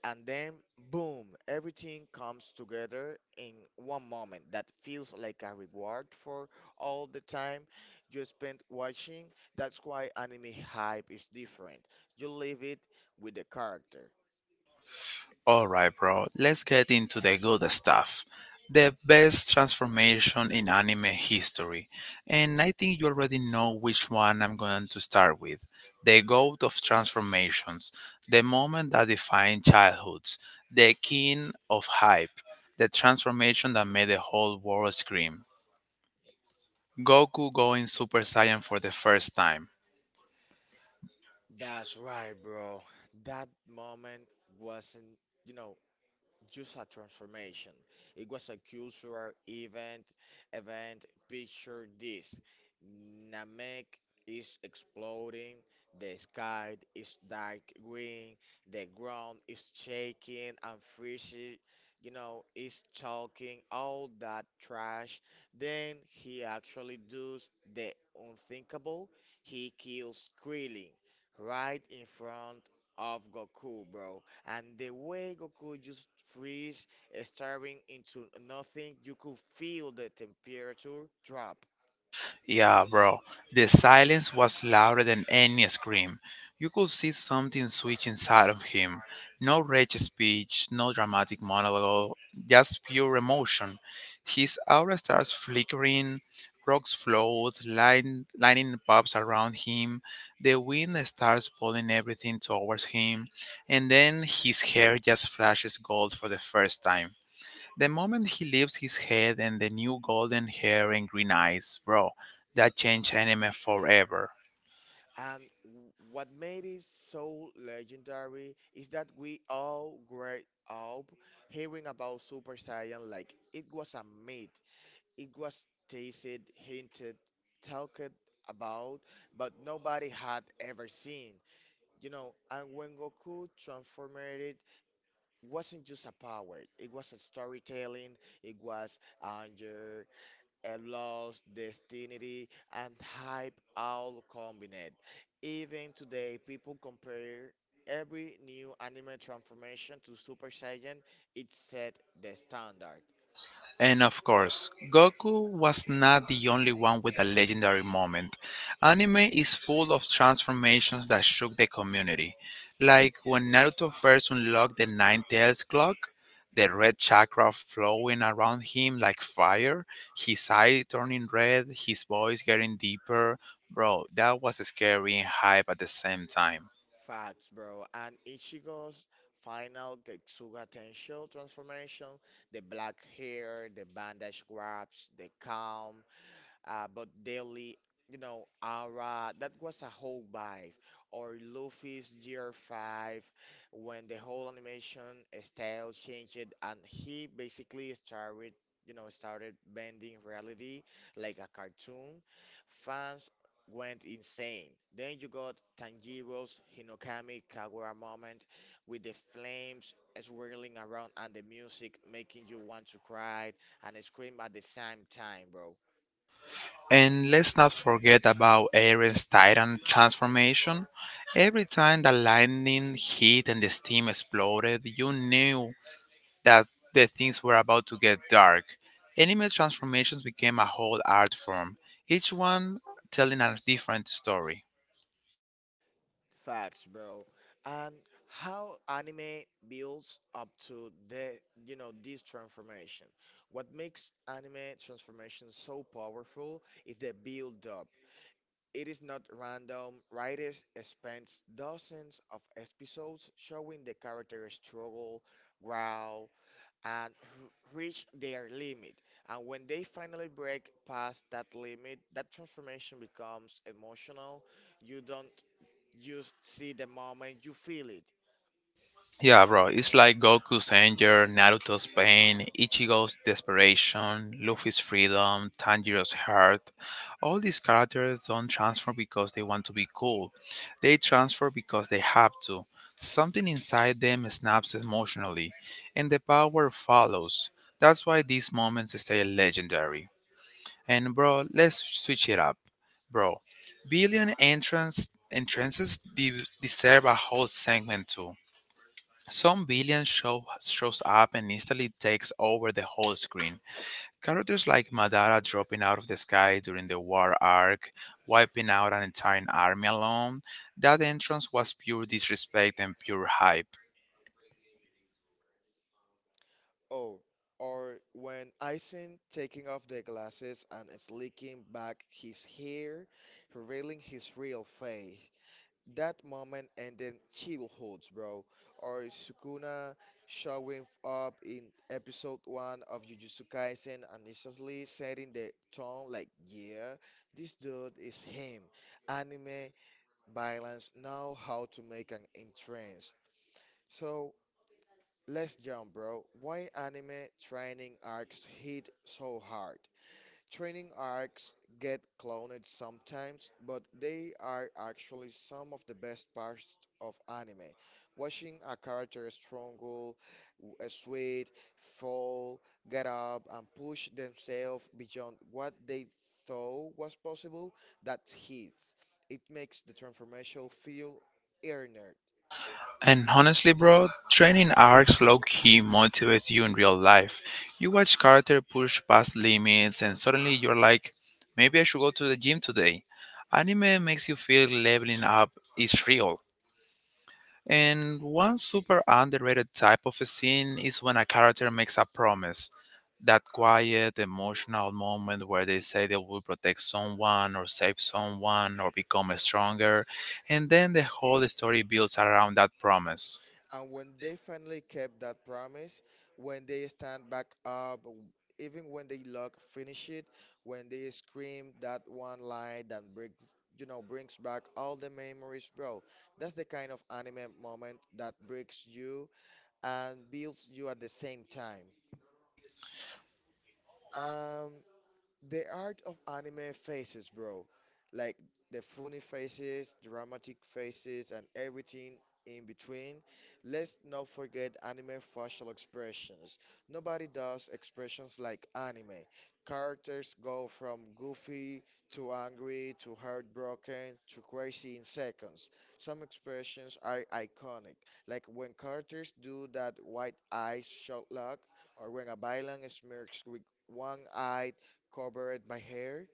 [SPEAKER 2] and then boom, everything comes together in one moment that feels like a reward for all the time you spent watching. That's why anime hype is different. You live it with the character.
[SPEAKER 1] All right, bro, let's get into the good stuff. The best transformation in anime history. And I think you already know which one I'm going to start with. The goat of transformations, the moment that defined childhoods, the king of hype, the transformation that made the whole world scream. Goku going Super Saiyan for the first time.
[SPEAKER 2] That's right, bro. That moment wasn't, you know, just a transformation. It was a cultural event. Event. Picture this: Namek is exploding. The sky is dark green. The ground is shaking and freezing. You know, is talking all that trash. Then he actually does the unthinkable. He kills Krillin right in front of Goku, bro. And the way Goku just freeze, staring into nothing, you could feel the temperature drop.
[SPEAKER 1] Yeah, bro. The silence was louder than any scream. You could see something switch inside of him. No rage speech, no dramatic monologue, just pure emotion. His aura starts flickering, rocks float, line, lining pubs around him. The wind starts pulling everything towards him, and then his hair just flashes gold for the first time. The moment he lifts his head and the new golden hair and green eyes, bro, that changed anime forever.
[SPEAKER 2] And what made it so legendary is that we all grew up hearing about Super Saiyan like it was a myth. It was tasted, hinted, talked about, but nobody had ever seen. You know, and when Goku transformed wasn't just a power. It was a storytelling. It was anger, a loss, destiny, and hype all combined. Even today, people compare every new anime transformation to Super Saiyan. It set the standard.
[SPEAKER 1] And of course, Goku was not the only one with a legendary moment. Anime is full of transformations that shook the community. Like when Naruto first unlocked the Nine Tails clock, the red chakra flowing around him like fire, his eye turning red, his voice getting deeper. Bro, that was scary and hype at the same time.
[SPEAKER 2] Facts, bro. And Ichigo's final Getsuga Tensho transformation, the black hair, the bandage grabs, the calm, but daily, Ara, that was a whole vibe. Or Luffy's Year 5, when the whole animation style changed and he basically started, started bending reality like a cartoon. Fans went insane. Then you got Tanjiro's Hinokami Kagura moment with the flames swirling around and the music making you want to cry and scream at the same time, bro.
[SPEAKER 1] And let's not forget about Aaron's Titan transformation. Every time the lightning hit and the steam exploded, you knew that the things were about to get dark. Anime transformations became a whole art form, each one telling a different story.
[SPEAKER 2] Facts, bro. And how anime builds up to this transformation. What makes anime transformation so powerful is the build up. It is not random. Writers spend dozens of episodes showing the characters struggle, growl, and reach their limit. And when they finally break past that limit, that transformation becomes emotional. You don't You see the moment you feel it.
[SPEAKER 1] Yeah, bro. It's like Goku's anger, Naruto's pain, Ichigo's desperation, Luffy's freedom, Tanjiro's heart. All these characters don't transform because they want to be cool. They transfer because they have to. Something inside them snaps emotionally, and the power follows. That's why these moments stay legendary. And bro, let's switch it up. Bro, billion deserve a whole segment too. Some shows up and instantly takes over the whole screen. Characters like Madara dropping out of the sky during the war arc, wiping out an entire army alone. That entrance was pure disrespect and pure hype.
[SPEAKER 2] Oh, or when Aizen taking off the glasses and slicking back his hair, revealing his real face. That moment ended childhoods, bro. Or Sukuna showing up in episode one of Jujutsu Kaisen and instantly setting the tone like, yeah, this dude is him. Anime violence know how to make an entrance. So Let's jump, bro. Why anime training arcs hit so hard? Training arcs get cloned sometimes, but they are actually some of the best parts of anime. Watching a character struggle, sweat, fall, get up, and push themselves beyond what they thought was possible, that hits. It makes the transformation feel earned.
[SPEAKER 1] And honestly, bro, training arcs low key motivates you in real life. You watch character push past limits, and suddenly you're like, maybe I should go to the gym today. Anime makes you feel leveling up is real. And one super underrated type of a scene is when a character makes a promise. That quiet, emotional moment where they say they will protect someone or save someone or become stronger. And then the whole story builds around that promise.
[SPEAKER 2] And when they finally kept that promise, when they stand back up, even when they look finish it, when they scream that one line that break, brings back all the memories, bro. That's the kind of anime moment that breaks you and builds you at the same time. Um, the art of anime faces, bro. Like the funny faces, dramatic faces, and everything in between. Let's not forget anime facial expressions. Nobody does expressions like anime. Characters go from goofy to angry to heartbroken to crazy in seconds. Some expressions are iconic, like when characters do that wide eye shot look, or when a villain smirks with one eye covered my hair,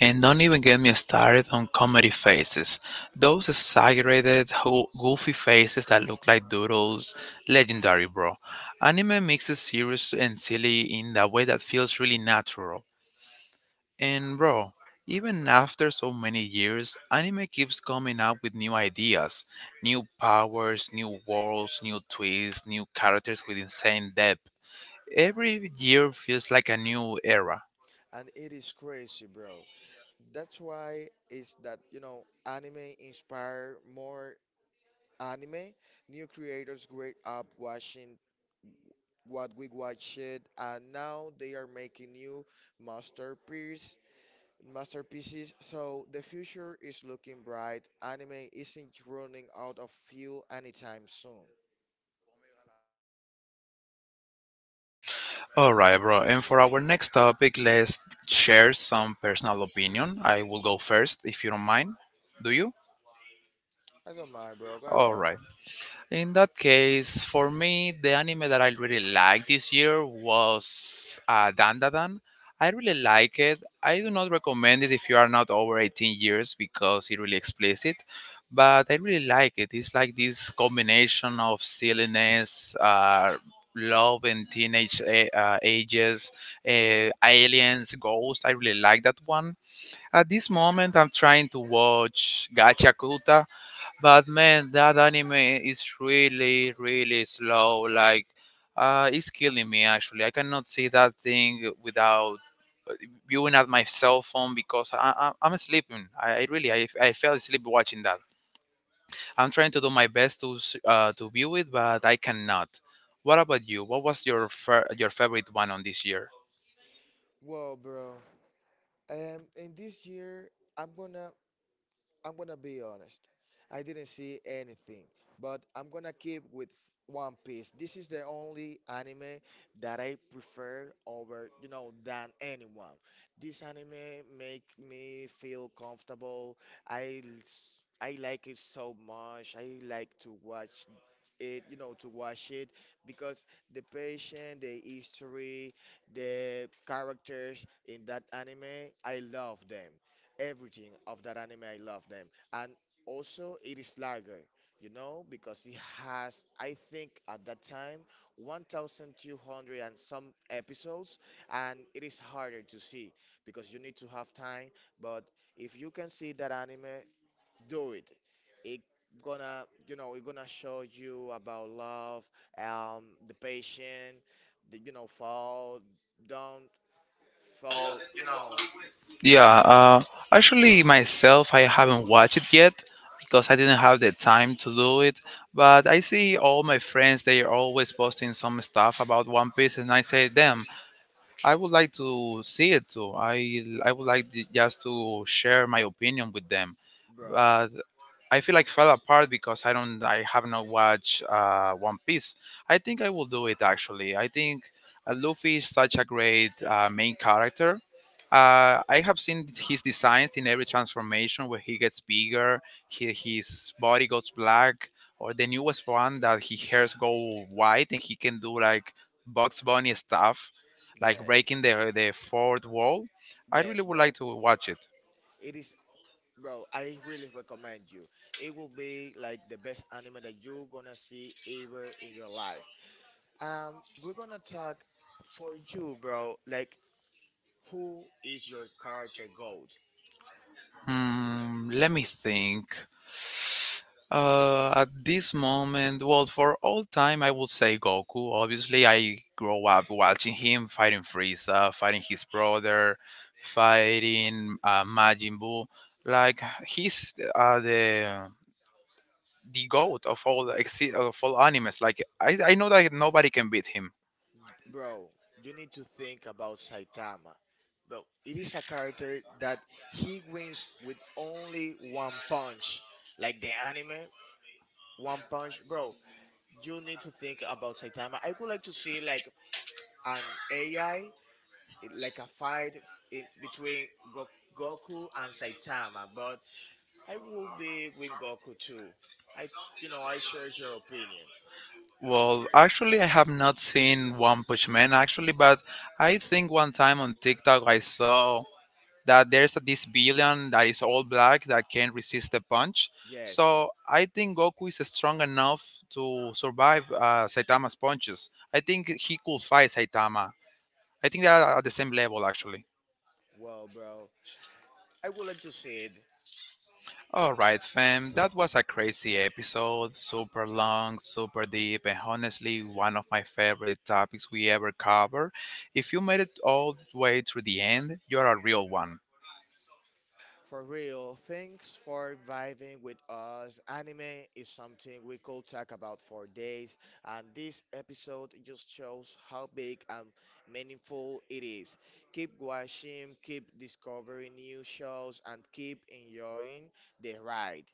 [SPEAKER 1] And don't even get me started on comedy faces. Those exaggerated, goofy faces that look like doodles. Legendary, bro. Anime mixes serious and silly in a way that feels really natural. And bro, even after so many years, anime keeps coming up with new ideas, new powers, new worlds, new twists, new characters with insane depth. Every year feels like a new era.
[SPEAKER 2] and it is crazy, bro. That's why is that you know anime inspire more anime. New creators grew up watching what we watched, and now they are making new masterpiece masterpieces. So the future is looking bright. Anime isn't running out of fuel anytime soon.
[SPEAKER 1] Alright, bro, and for our next topic, let's share some personal opinion. I will go first if you don't mind. Do you?
[SPEAKER 2] I don't mind, bro. Go ahead.
[SPEAKER 1] Alright. In that case, for me, the anime that I really liked this year was Dandadan. I really like it. I do not recommend it if you are not over 18 years because it really explicit, but I really like it. It's like this combination of silliness, love and ages, aliens, ghosts. I really like that one. At this moment, I'm trying to watch Gachakuta, but man, that anime is really, really slow. Like, it's killing me actually. I cannot see that thing without viewing at my cell phone because I'm sleeping. I really, I fell asleep watching that. I'm trying to do my best to to view it, but I cannot. What about you? What was your your favorite one on this year?
[SPEAKER 2] Well, bro, in this year, I'm gonna I'm gonna be honest. I didn't see anything, but I'm gonna keep with One Piece. This is the only anime that I prefer over, than anyone. This anime make me feel comfortable. I like it so much. I like to watch to watch it because the patient, the history, the characters in that anime, I love them. Everything of that anime, I love them. And also, it is larger, you know, because it has, I think, at that time, 1,200 and some episodes, and it is harder to see because you need to have time. But if you can see that anime, do it. It gonna, it gonna show you about love, the patient, the, fall, don't fall, you know,
[SPEAKER 1] Yeah, actually, myself, I haven't watched it yet because I didn't have the time to do it. But I see all my friends, they are always posting some stuff about One Piece, and I say, damn, I would like to see it too. I would like just to share my opinion with them.
[SPEAKER 2] bro.
[SPEAKER 1] But I feel like fell apart because I have not watched One Piece. I think I will do it actually. I think Luffy is such a great main character. I have seen his designs in every transformation where he gets bigger, his body goes black, or the newest one that his hairs go white and he can do like Bugs Bunny stuff, like
[SPEAKER 2] Yes,
[SPEAKER 1] breaking the fourth wall. I really
[SPEAKER 2] yes,
[SPEAKER 1] would like
[SPEAKER 2] bro.
[SPEAKER 1] to watch it.
[SPEAKER 2] It is, bro. I really recommend you. It will be like the best anime that you're gonna see ever in your life. We're gonna talk for you, bro. Like, who is your character goat?
[SPEAKER 1] Hmm, let me think. At this moment, well, for all time, I would say Goku. Obviously, I grow up watching him fighting Frieza, fighting his brother, fighting Majin Buu. Like he's the goat of all of all animes. Like I know that nobody can beat him.
[SPEAKER 2] Bro, you need to think about Saitama. Bro, it is a character that he wins with only one punch. Like the anime, one punch. Bro, you need to think about Saitama. I would like to see like an AI, like a fight in between Goku and Saitama, but I will be with Goku too. I, you know, I share your opinion.
[SPEAKER 1] Well, actually, I have not seen One Punch Man actually, but I think one time on TikTok I saw that there's this villain that is all black that can't resist the punch.
[SPEAKER 2] Yes, bro.
[SPEAKER 1] So I think Goku is strong enough to survive Saitama's punches. I think he could fight Saitama. I think they are at the same level actually.
[SPEAKER 2] Well, bro, I would like to see it.
[SPEAKER 1] All right, fam. That was a crazy episode. Super long, super deep, and honestly, one of my favorite topics we ever cover. If you made it all the way through the end, you're a real one.
[SPEAKER 2] For real, thanks for vibing with us. Anime is something we could talk about for days, and this episode just shows how big and meaningful it is. Keep watching, keep discovering new shows, and keep enjoying the ride.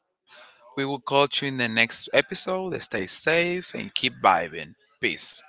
[SPEAKER 1] We will catch you in the next episode. Stay safe and keep vibing. Peace.